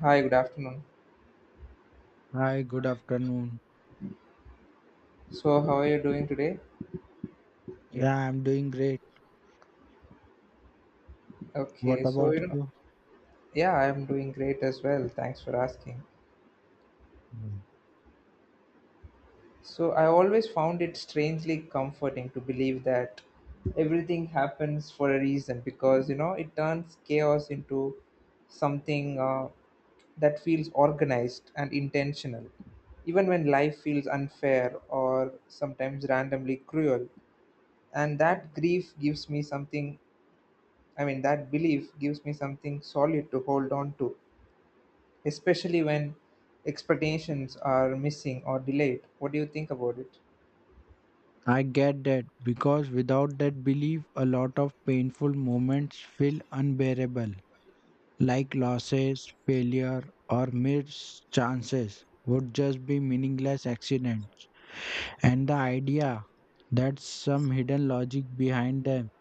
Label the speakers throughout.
Speaker 1: Hi, good afternoon.
Speaker 2: Hi, good afternoon.
Speaker 1: So, how are you doing today?
Speaker 2: Yeah, I'm doing great. What
Speaker 1: Okay, so
Speaker 2: about
Speaker 1: you know,
Speaker 2: you?
Speaker 1: yeah, I'm doing great as well. Thanks for asking.
Speaker 2: Mm.
Speaker 1: So, I always found it strangely comforting to believe that everything happens for a reason because you know it turns chaos into something that feels organized and intentional. Even when life feels unfair or sometimes randomly cruel, and that grief gives me something I mean, that belief gives me something solid to hold on to, especially when expectations are missing or delayed. What do you think about it?
Speaker 2: I get that because without that belief, a lot of painful moments feel unbearable, like losses, failure, or missed chances would just be meaningless accidents. And the idea that some hidden logic behind them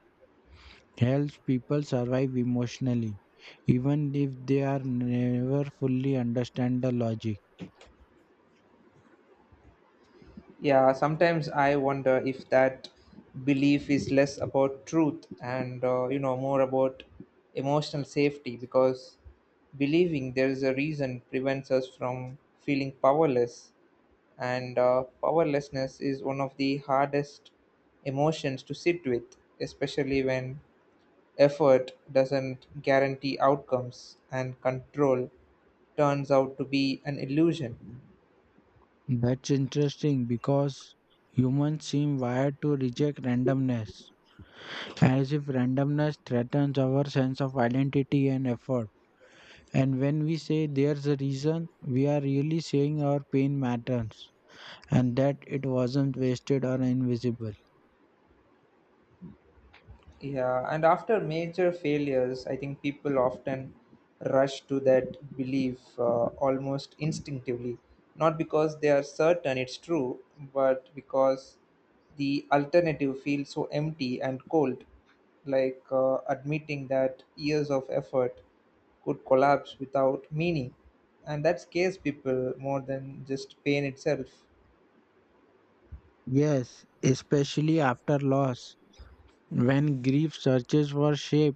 Speaker 2: helps people survive emotionally, even if they are never fully understand the logic.
Speaker 1: Yeah, sometimes I wonder if that belief is less about truth and, you know, more about emotional safety because believing there is a reason prevents us from feeling powerless. And powerlessness is one of the hardest emotions to sit with, especially when effort doesn't guarantee outcomes, and control turns out to be an illusion.
Speaker 2: That's interesting because humans seem wired to reject randomness, as if randomness threatens our sense of identity and effort. And when we say there's a reason, we are really saying our pain matters and that it wasn't wasted or invisible.
Speaker 1: Yeah, and after major failures, I think people often rush to that belief almost instinctively, not because they are certain it's true, but because the alternative feels so empty and cold, like admitting that years of effort could collapse without meaning. And that scares people more than just pain itself.
Speaker 2: Yes, especially after loss, when grief searches for shape,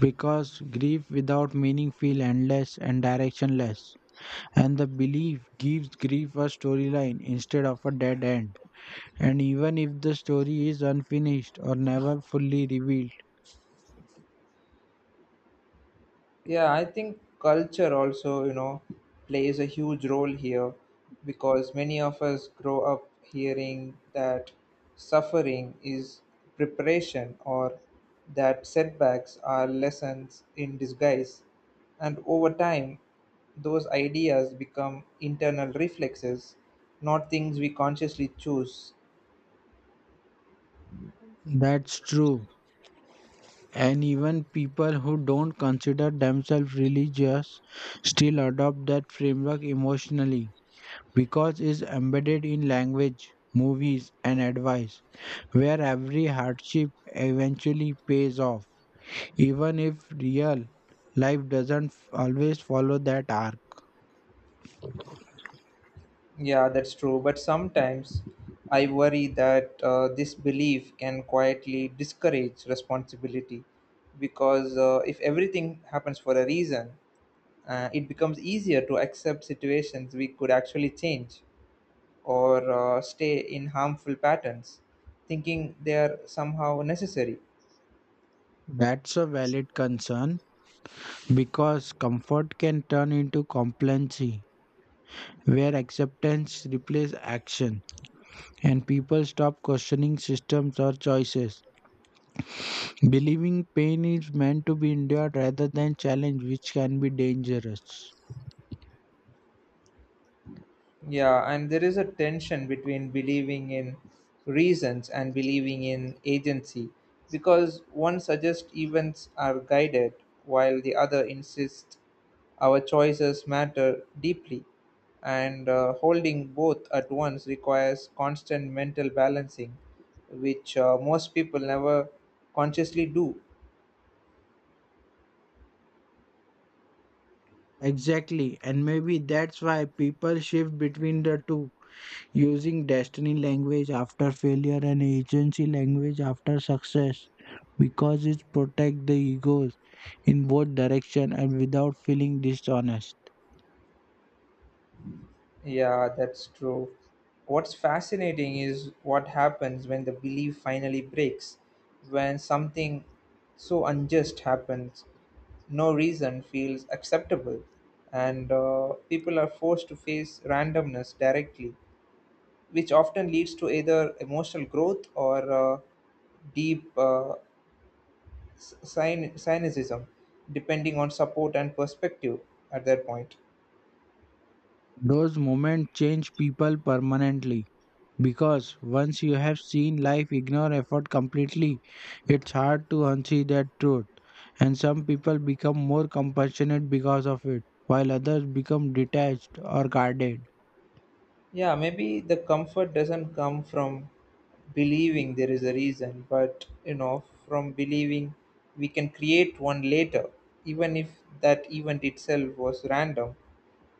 Speaker 2: because grief without meaning feels endless and directionless. And the belief gives grief a storyline instead of a dead end. And even if the story is unfinished or never fully revealed,
Speaker 1: Yeah, I think culture also, you know, plays a huge role here because many of us grow up hearing that suffering is preparation or that setbacks are lessons in disguise. And over time, those ideas become internal reflexes, not things we consciously choose.
Speaker 2: that's true. And even people who don't consider themselves religious still adopt that framework emotionally because it's embedded in language, movies, and advice, where every hardship eventually pays off, even if real life doesn't always follow that arc.
Speaker 1: Yeah, that's true. But sometimes I worry that this belief can quietly discourage responsibility because if everything happens for a reason, it becomes easier to accept situations we could actually change or stay in harmful patterns, thinking they are somehow necessary.
Speaker 2: That's a valid concern because comfort can turn into complacency, where acceptance replaces action, and people stop questioning systems or choices, believing pain is meant to be endured rather than challenged, which can be dangerous.
Speaker 1: Yeah, and there is a tension between believing in reasons and believing in agency because one suggests events are guided while the other insists our choices matter deeply. And holding both at once requires constant mental balancing, which most people never consciously do.
Speaker 2: Exactly, and maybe that's why people shift between the two, using destiny language after failure and agency language after success, because it protects the egos in both direction and without feeling dishonest.
Speaker 1: Yeah, that's true. What's fascinating is what happens when the belief finally breaks, when something so unjust happens, no reason feels acceptable, and people are forced to face randomness directly, which often leads to either emotional growth or deep cynicism, depending on support and perspective at that point.
Speaker 2: Those moments change people permanently because once you have seen life ignore effort completely, it's hard to unsee that truth. And some people become more compassionate because of it, while others become detached or guarded.
Speaker 1: Yeah, maybe the comfort doesn't come from believing there is a reason, but you know, from believing we can create one later, even if that event itself was random.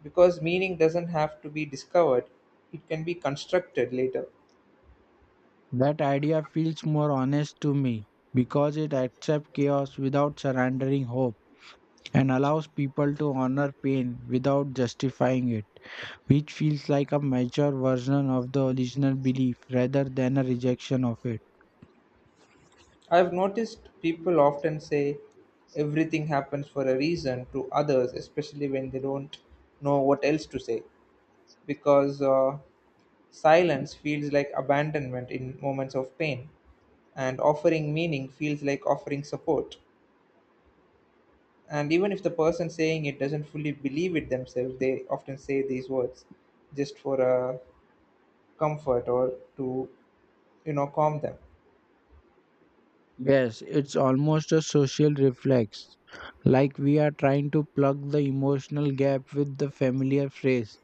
Speaker 1: Because meaning doesn't have to be discovered, it can be constructed later.
Speaker 2: That idea feels more honest to me because it accepts chaos without surrendering hope and allows people to honor pain without justifying it, which feels like a mature version of the original belief rather than a rejection of it.
Speaker 1: I've noticed people often say everything happens for a reason to others, especially when they don't know what else to say, because silence feels like abandonment in moments of pain. And offering meaning feels like offering support, and even if the person saying it doesn't fully believe it themselves, they often say these words just for a comfort or to, you know, calm them.
Speaker 2: Yes, it's almost a social reflex, like we are trying to plug the emotional gap with the familiar phrase,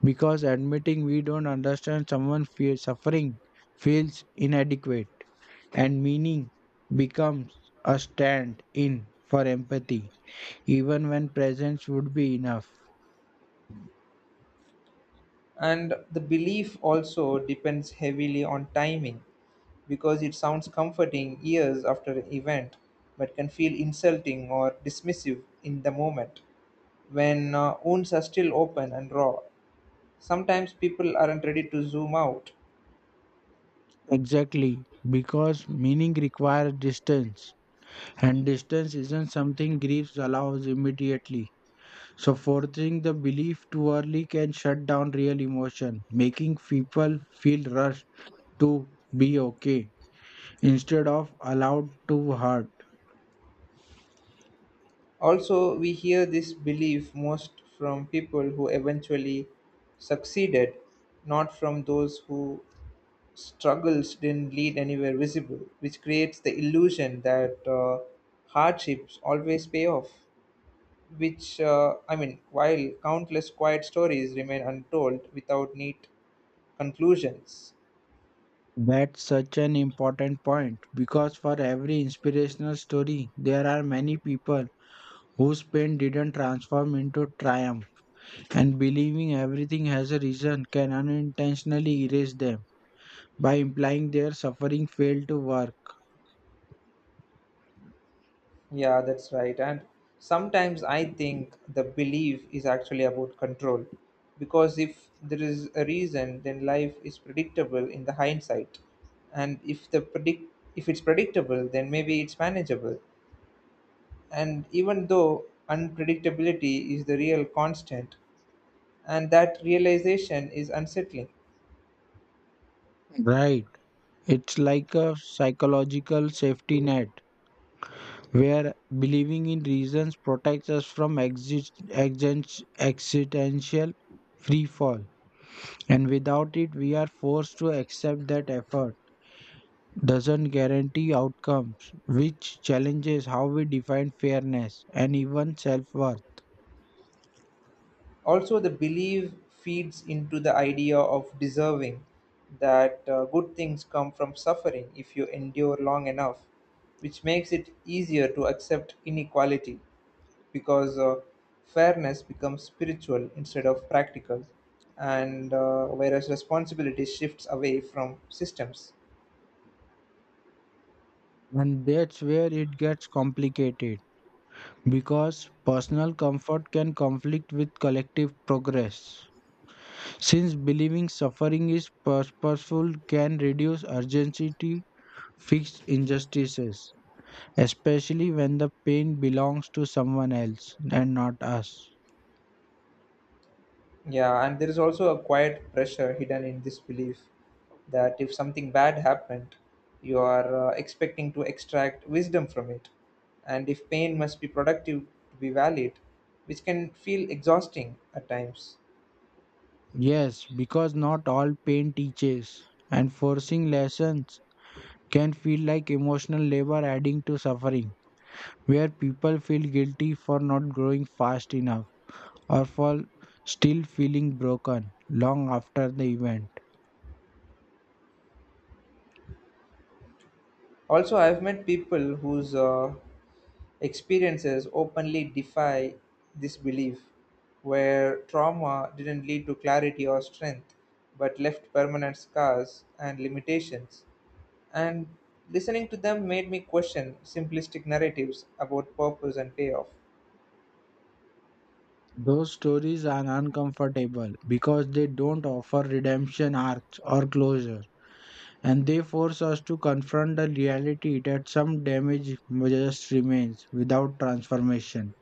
Speaker 2: because admitting we don't understand someone feels suffering feels inadequate, and meaning becomes a stand in for empathy, even when presence would be enough.
Speaker 1: And the belief also depends heavily on timing because it sounds comforting years after an event but can feel insulting or dismissive in the moment when wounds are still open and raw. Sometimes people aren't ready to zoom out.
Speaker 2: Exactly, because meaning requires distance. And distance isn't something grief allows immediately. So, forcing the belief too early can shut down real emotion, making people feel rushed to be okay instead of allowed to hurt.
Speaker 1: Also, we hear this belief most from people who eventually succeeded, not from those who struggles didn't lead anywhere visible, which creates the illusion that hardships always pay off. Which, I mean, while countless quiet stories remain untold without neat conclusions.
Speaker 2: That's such an important point because for every inspirational story, there are many people whose pain didn't transform into triumph, and believing everything has a reason can unintentionally erase them by implying their suffering failed to work.
Speaker 1: Yeah, that's right. And sometimes I think the belief is actually about control. Because if there is a reason, then life is predictable in the hindsight. And if it's predictable, then maybe it's manageable. And even though unpredictability is the real constant, and that realization is unsettling.
Speaker 2: Right. It's like a psychological safety net where believing in reasons protects us from existential free fall. And without it, we are forced to accept that effort doesn't guarantee outcomes, which challenges how we define fairness and even self worth.
Speaker 1: Also, the belief feeds into the idea of deserving that good things come from suffering if you endure long enough, which makes it easier to accept inequality because fairness becomes spiritual instead of practical, and whereas responsibility shifts away from systems.
Speaker 2: And that's where it gets complicated because personal comfort can conflict with collective progress. Since believing suffering is purposeful can reduce urgency to fix injustices, especially when the pain belongs to someone else and not us.
Speaker 1: Yeah, and there is also a quiet pressure hidden in this belief that if something bad happened, you are expecting to extract wisdom from it. And if pain must be productive to be valid, which can feel exhausting at times.
Speaker 2: Yes, because not all pain teaches, and forcing lessons can feel like emotional labor adding to suffering, where people feel guilty for not growing fast enough or for still feeling broken long after the event.
Speaker 1: Also, I've met people whose experiences openly defy this belief, where trauma didn't lead to clarity or strength, but left permanent scars and limitations. And listening to them made me question simplistic narratives about purpose and payoff.
Speaker 2: Those stories are uncomfortable because they don't offer redemption arcs or closure, and they force us to confront the reality that some damage just remains without transformation,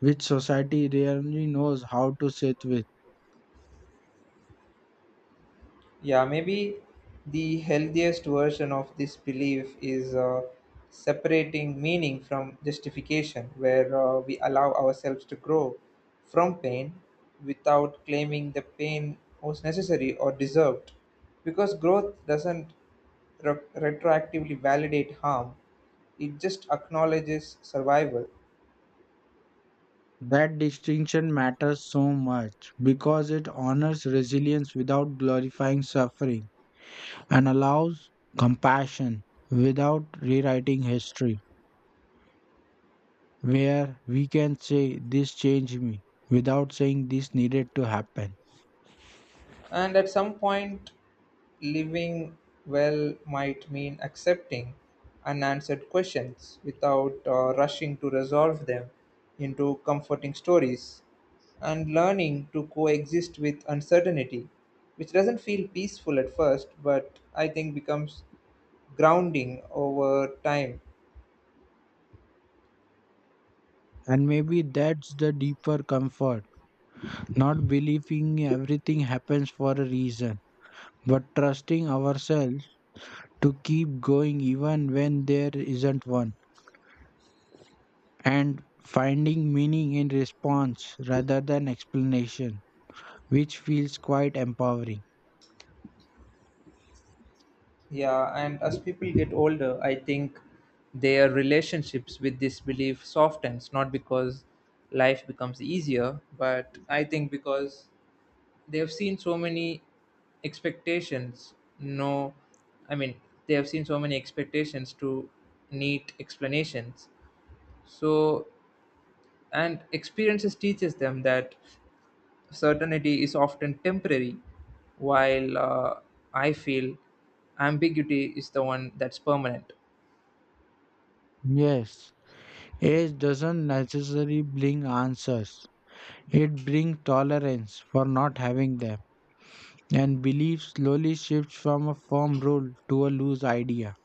Speaker 2: which society rarely knows how to sit with.
Speaker 1: Yeah, maybe the healthiest version of this belief is separating meaning from justification, where we allow ourselves to grow from pain without claiming the pain was necessary or deserved. Because growth doesn't retroactively validate harm, it just acknowledges survival.
Speaker 2: That distinction matters so much because it honors resilience without glorifying suffering and allows compassion without rewriting history, where we can say this changed me without saying this needed to happen.
Speaker 1: And at some point, living well might mean accepting unanswered questions without rushing to resolve them into comforting stories and learning to coexist with uncertainty, which doesn't feel peaceful at first, but I think becomes grounding over time.
Speaker 2: And maybe that's the deeper comfort, not believing everything happens for a reason, but trusting ourselves to keep going even when there isn't one, and finding meaning in response rather than explanation, which feels quite empowering.
Speaker 1: Yeah, and as people get older, I think their relationships with this belief softens, not because life becomes easier, but I think because they have seen so many expectations. No, I mean, they have seen so many expectations to need explanations. So, and experiences teaches them that certainty is often temporary, while I feel ambiguity is the one that's permanent.
Speaker 2: Yes, age doesn't necessarily bring answers, it brings tolerance for not having them. And belief slowly shifts from a firm rule to a loose idea,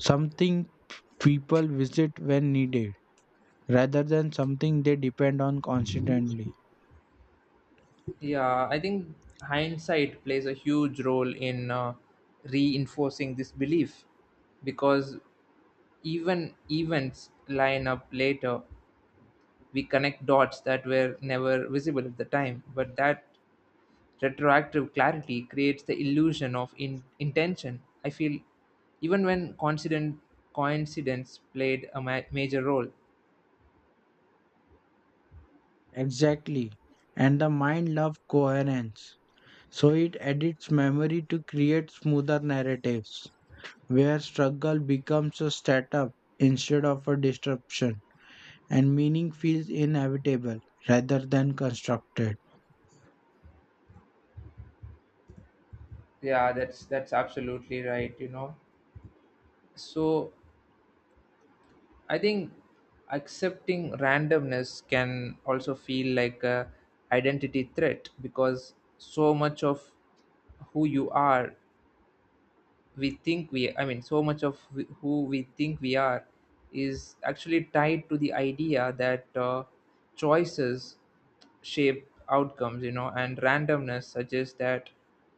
Speaker 2: something people visit when needed, rather than something they depend on constantly.
Speaker 1: Yeah, I think hindsight plays a huge role in reinforcing this belief because even events line up later. We connect dots that were never visible at the time, but that retroactive clarity creates the illusion of intention. I feel even when coincident coincidence played a major role.
Speaker 2: Exactly. And the mind loves coherence, so it edits memory to create smoother narratives, where struggle becomes a setup instead of a disruption, and meaning feels inevitable rather than constructed.
Speaker 1: Yeah, that's absolutely right. You know, so I think accepting randomness can also feel like a identity threat because so much of who you are we think we I mean so much of who we think we are is actually tied to the idea that choices shape outcomes, you know, and randomness suggests that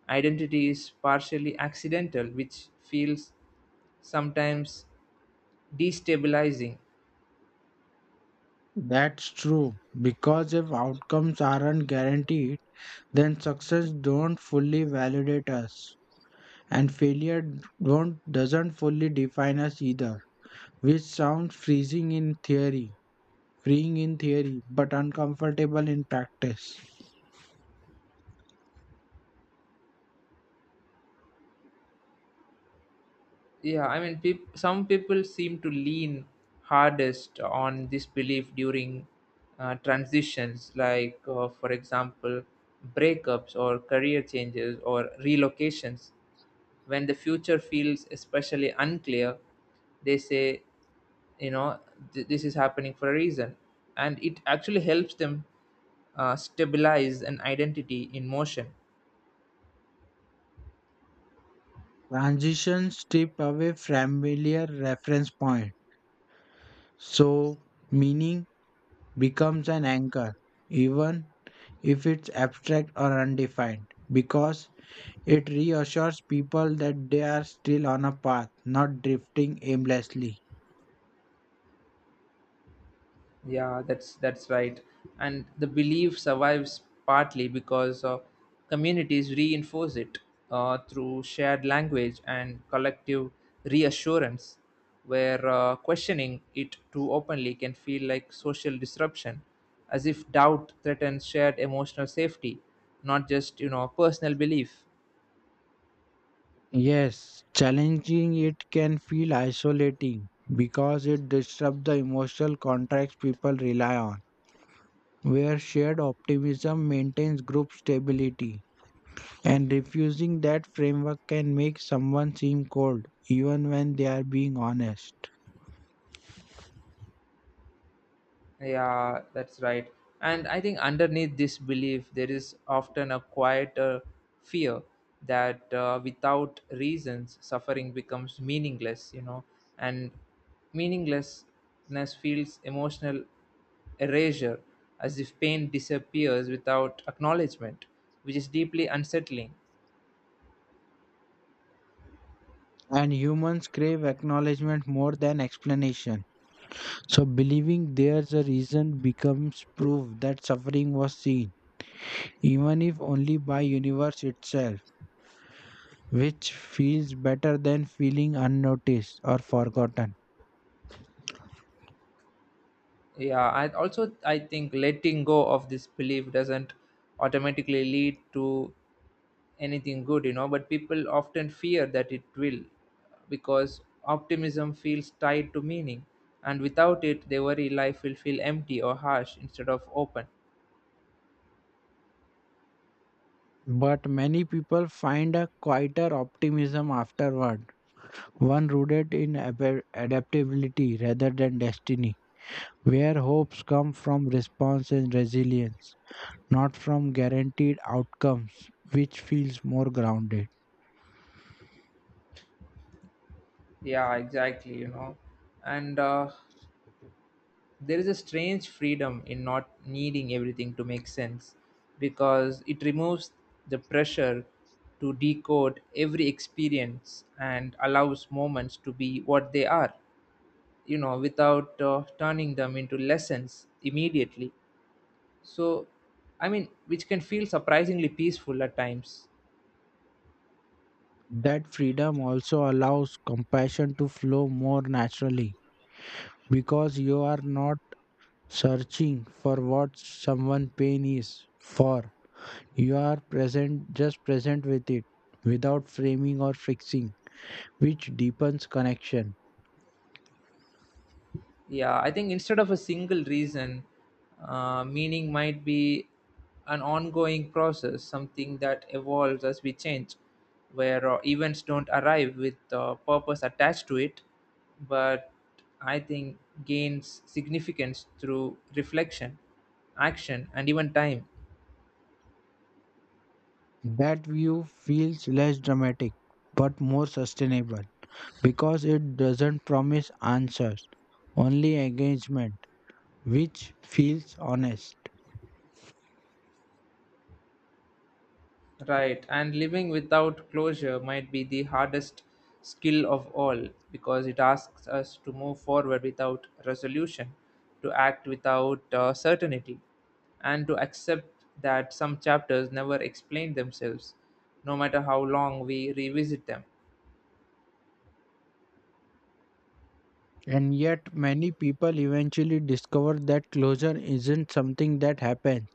Speaker 1: identity is partially accidental, which feels sometimes destabilizing.
Speaker 2: That's true, because if outcomes aren't guaranteed, then success don't fully validate us and failure don't doesn't fully define us either, which sounds freezing in theory, freeing in theory, but uncomfortable in practice.
Speaker 1: Yeah, I mean, some people seem to lean hardest on this belief during transitions, like, for example, breakups or career changes or relocations. When the future feels especially unclear, they say, you know, this is happening for a reason. And it actually helps them stabilize an identity in motion.
Speaker 2: Transitions strip away familiar reference point, so meaning becomes an anchor even if it's abstract or undefined, because it reassures people that they are still on a path, not drifting aimlessly.
Speaker 1: Yeah, that's right. And the belief survives partly because communities reinforce it through shared language and collective reassurance, where questioning it too openly can feel like social disruption, as if doubt threatens shared emotional safety, not just, you know, personal belief.
Speaker 2: Yes, challenging it can feel isolating because it disrupts the emotional contracts people rely on, where shared optimism maintains group stability. And refusing that framework can make someone seem cold, even when they are being honest.
Speaker 1: Yeah, that's right. And I think underneath this belief, there is often a quieter fear that without reasons, suffering becomes meaningless, you know, and meaninglessness feels emotional erasure, as if pain disappears without acknowledgement, which is deeply unsettling.
Speaker 2: And humans crave acknowledgement more than explanation. So, believing there's a reason becomes proof that suffering was seen, even if only by universe itself, which feels better than feeling unnoticed or forgotten.
Speaker 1: Yeah, I also, I think letting go of this belief doesn't automatically lead to anything good, you know, but people often fear that it will because optimism feels tied to meaning, and without it they worry life will feel empty or harsh instead of open.
Speaker 2: But many people find a quieter optimism afterward, one rooted in adaptability rather than destiny, where hopes come from response and resilience, not from guaranteed outcomes, which feels more grounded.
Speaker 1: Yeah, exactly, you know. And there is a strange freedom in not needing everything to make sense because it removes the pressure to decode every experience and allows moments to be what they are, you know, without turning them into lessons immediately. So, I mean, which can feel surprisingly peaceful at times.
Speaker 2: That freedom also allows compassion to flow more naturally because you are not searching for what someone pain is for, you are present, just present with it, without framing or fixing, which deepens connection.
Speaker 1: Yeah, I think instead of a single reason, meaning might be an ongoing process, something that evolves as we change, where events don't arrive with purpose attached to it, but I think gains significance through reflection, action, and even time.
Speaker 2: That view feels less dramatic but more sustainable because it doesn't promise answers, only engagement, which feels honest.
Speaker 1: Right, and living without closure might be the hardest skill of all because it asks us to move forward without resolution, to act without certainty, and to accept that some chapters never explain themselves, no matter how long we revisit them.
Speaker 2: And yet many people eventually discover that closure isn't something that happens.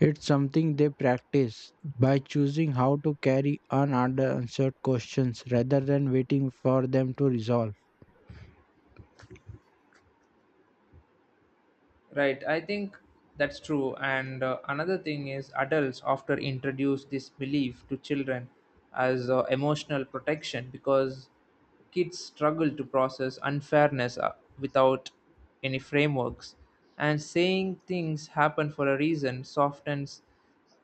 Speaker 2: It's something they practice by choosing how to carry unanswered questions rather than waiting for them to resolve.
Speaker 1: Right, I think that's true. And another thing is, adults often introduce this belief to children as emotional protection because kids struggle to process unfairness without any frameworks. And saying things happen for a reason softens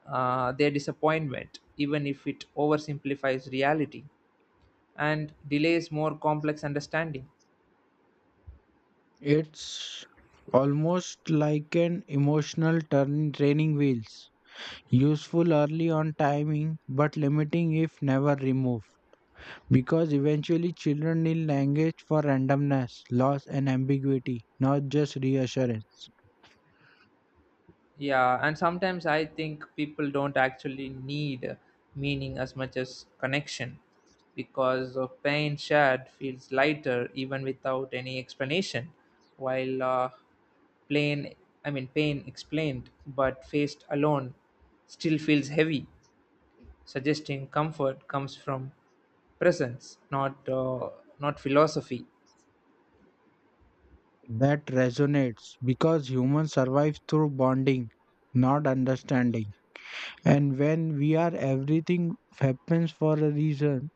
Speaker 1: their disappointment, even if it oversimplifies reality and delays more complex understanding.
Speaker 2: It's almost like an emotional turn training wheels. Useful early on timing but limiting if never removed. Because eventually children need language for randomness, loss and ambiguity, not just reassurance.
Speaker 1: Yeah, and sometimes I think people don't actually need meaning as much as connection because of pain shared feels lighter even without any explanation, while plain, pain explained but faced alone still feels heavy, suggesting comfort comes from presence, not not philosophy.
Speaker 2: That resonates because humans survive through bonding, not understanding. And when we are everything happens for a reason,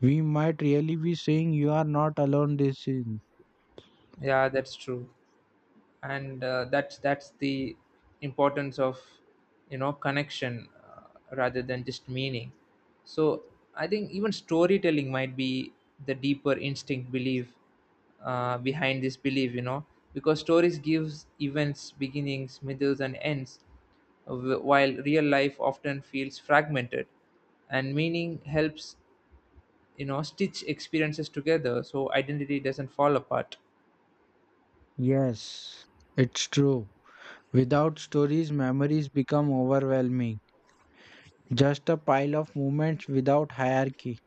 Speaker 2: we might really be saying you are not alone this season.
Speaker 1: Yeah, that's true. And that's the importance of, you know, connection rather than just meaning. So I think even storytelling might be the deeper instinct belief behind this belief, you know, because stories gives events beginnings, middles, and ends, while real life often feels fragmented, and meaning helps, you know, stitch experiences together so identity doesn't fall apart.
Speaker 2: Yes, it's true. Without stories, memories become overwhelming. Just a pile of moments without hierarchy.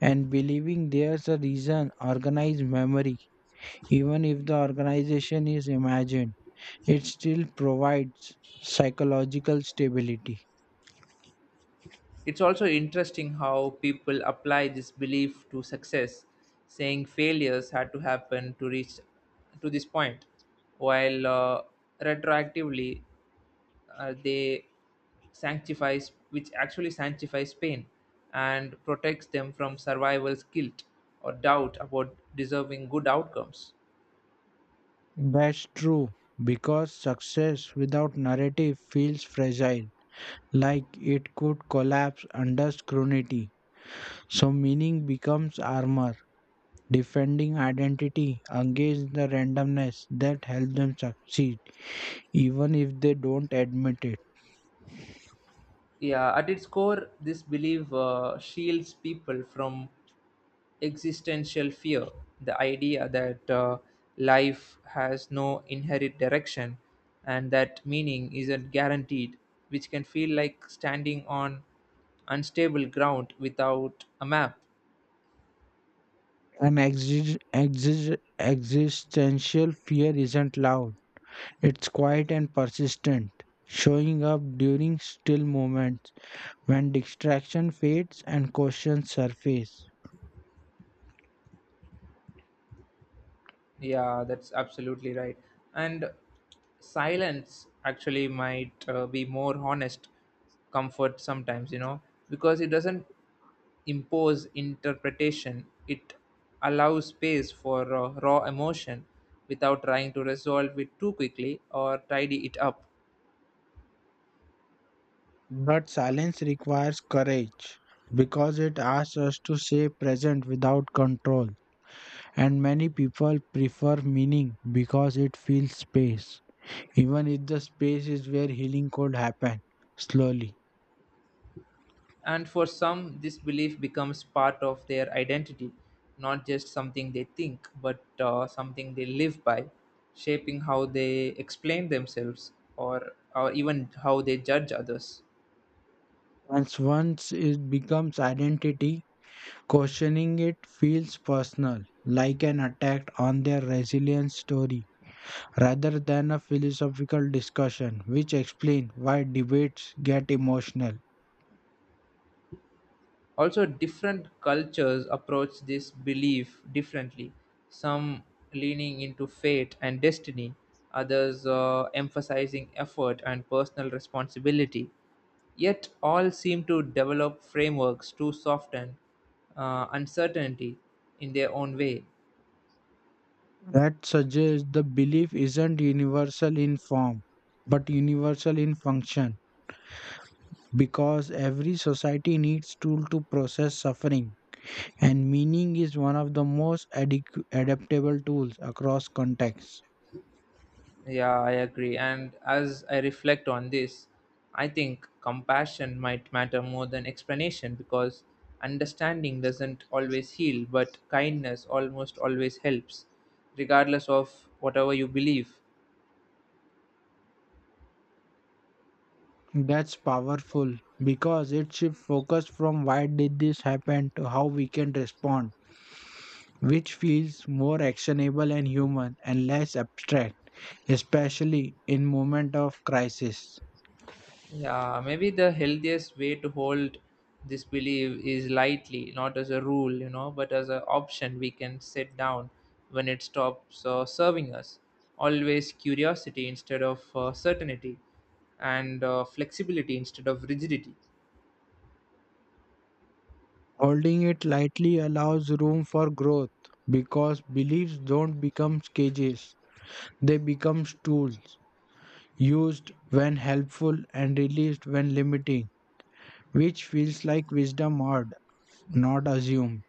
Speaker 2: And believing there's a reason, organized memory, even if the organization is imagined, it still provides psychological stability.
Speaker 1: It's also interesting how people apply this belief to success, saying failures had to happen to reach to this point, while retroactively they sanctifies which actually sanctifies pain and protects them from survival's guilt or doubt about deserving good outcomes.
Speaker 2: That's true, because success without narrative feels fragile, like it could collapse under scrutiny. So, meaning becomes armor, defending identity against the randomness that helps them succeed, even if they don't admit it.
Speaker 1: Yeah, at its core, this belief shields people from existential fear, the idea that life has no inherent direction and that meaning isn't guaranteed, which can feel like standing on unstable ground without a map.
Speaker 2: An existential fear isn't loud, it's quiet and persistent, showing up during still moments when distraction fades and questions surface.
Speaker 1: Yeah, that's absolutely right. And silence actually might be more honest comfort sometimes, you know, because it doesn't impose interpretation, it allows space for raw emotion without trying to resolve it too quickly or tidy it up.
Speaker 2: But silence requires courage because it asks us to stay present without control. And many people prefer meaning because it fills space, even if the space is where healing could happen slowly.
Speaker 1: And for some, this belief becomes part of their identity, not just something they think, but something they live by, shaping how they explain themselves, or even how they judge others.
Speaker 2: Once it becomes identity, questioning it feels personal, like an attack on their resilience story, rather than a philosophical discussion, which explains why debates get emotional.
Speaker 1: Also, different cultures approach this belief differently, some leaning into fate and destiny, others emphasizing effort and personal responsibility. Yet, all seem to develop frameworks to soften uncertainty in their own way.
Speaker 2: That suggests the belief isn't universal in form but universal in function, because every society needs tool to process suffering and meaning is one of the most adaptable tools across contexts.
Speaker 1: Yeah, I agree. And as I reflect on this, I think compassion might matter more than explanation because understanding doesn't always heal, but kindness almost always helps, regardless of whatever you believe.
Speaker 2: That's powerful because it shifts focus from why did this happen to how we can respond, which feels more actionable and human and less abstract, especially in moment of crisis.
Speaker 1: Yeah, maybe the healthiest way to hold this belief is lightly, not as a rule, you know, but as an option we can set down when it stops serving us. Always curiosity instead of certainty, and flexibility instead of rigidity.
Speaker 2: Holding it lightly allows room for growth because beliefs don't become cages, they become tools, used when helpful and released when limiting, which feels like wisdom heard, not assumed.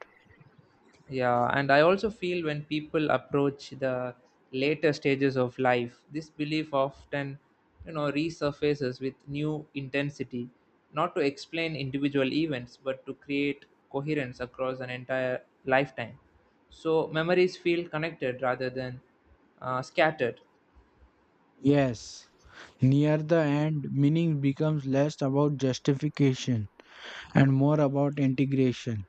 Speaker 1: Yeah, and I also feel when people approach the later stages of life, this belief often, you know, resurfaces with new intensity, not to explain individual events, but to create coherence across an entire lifetime. So memories feel connected rather than scattered.
Speaker 2: Yes, near the end, meaning becomes less about justification and more about integration,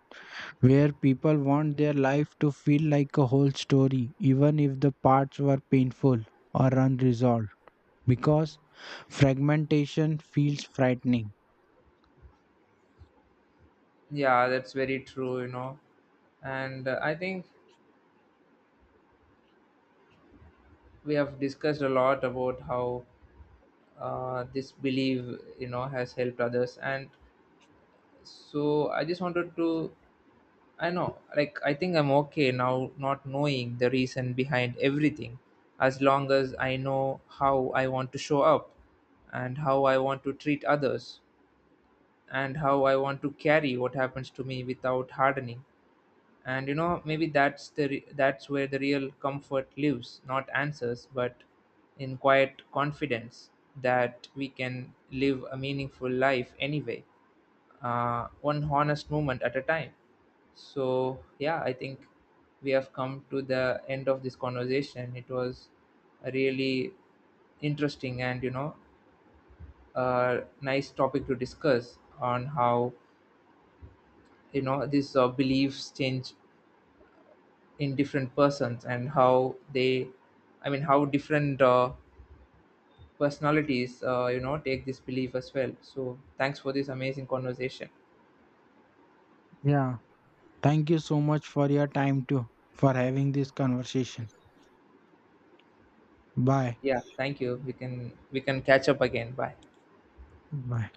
Speaker 2: where people want their life to feel like a whole story, even if the parts were painful or unresolved, because fragmentation feels frightening.
Speaker 1: Yeah, that's very true, you know. And I think we have discussed a lot about how this belief, you know, has helped others. And so I just wanted to, I know, like, I think I'm okay now not knowing the reason behind everything as long as I know how I want to show up and how I want to treat others and how I want to carry what happens to me without hardening. And you know, maybe that's where the real comfort lives, not answers, but in quiet confidence that we can live a meaningful life anyway, one honest moment at a time. So, yeah, I think we have come to the end of this conversation. It was a really interesting and, you know, a nice topic to discuss on how, you know, these beliefs change in different persons and how they, I mean, how different personalities, you know, take this belief as well. So, thanks for this amazing conversation.
Speaker 2: Yeah. Thank you so much for your time too, for having this conversation. Bye.
Speaker 1: Yeah, thank you. We can catch up again. Bye.
Speaker 2: Bye.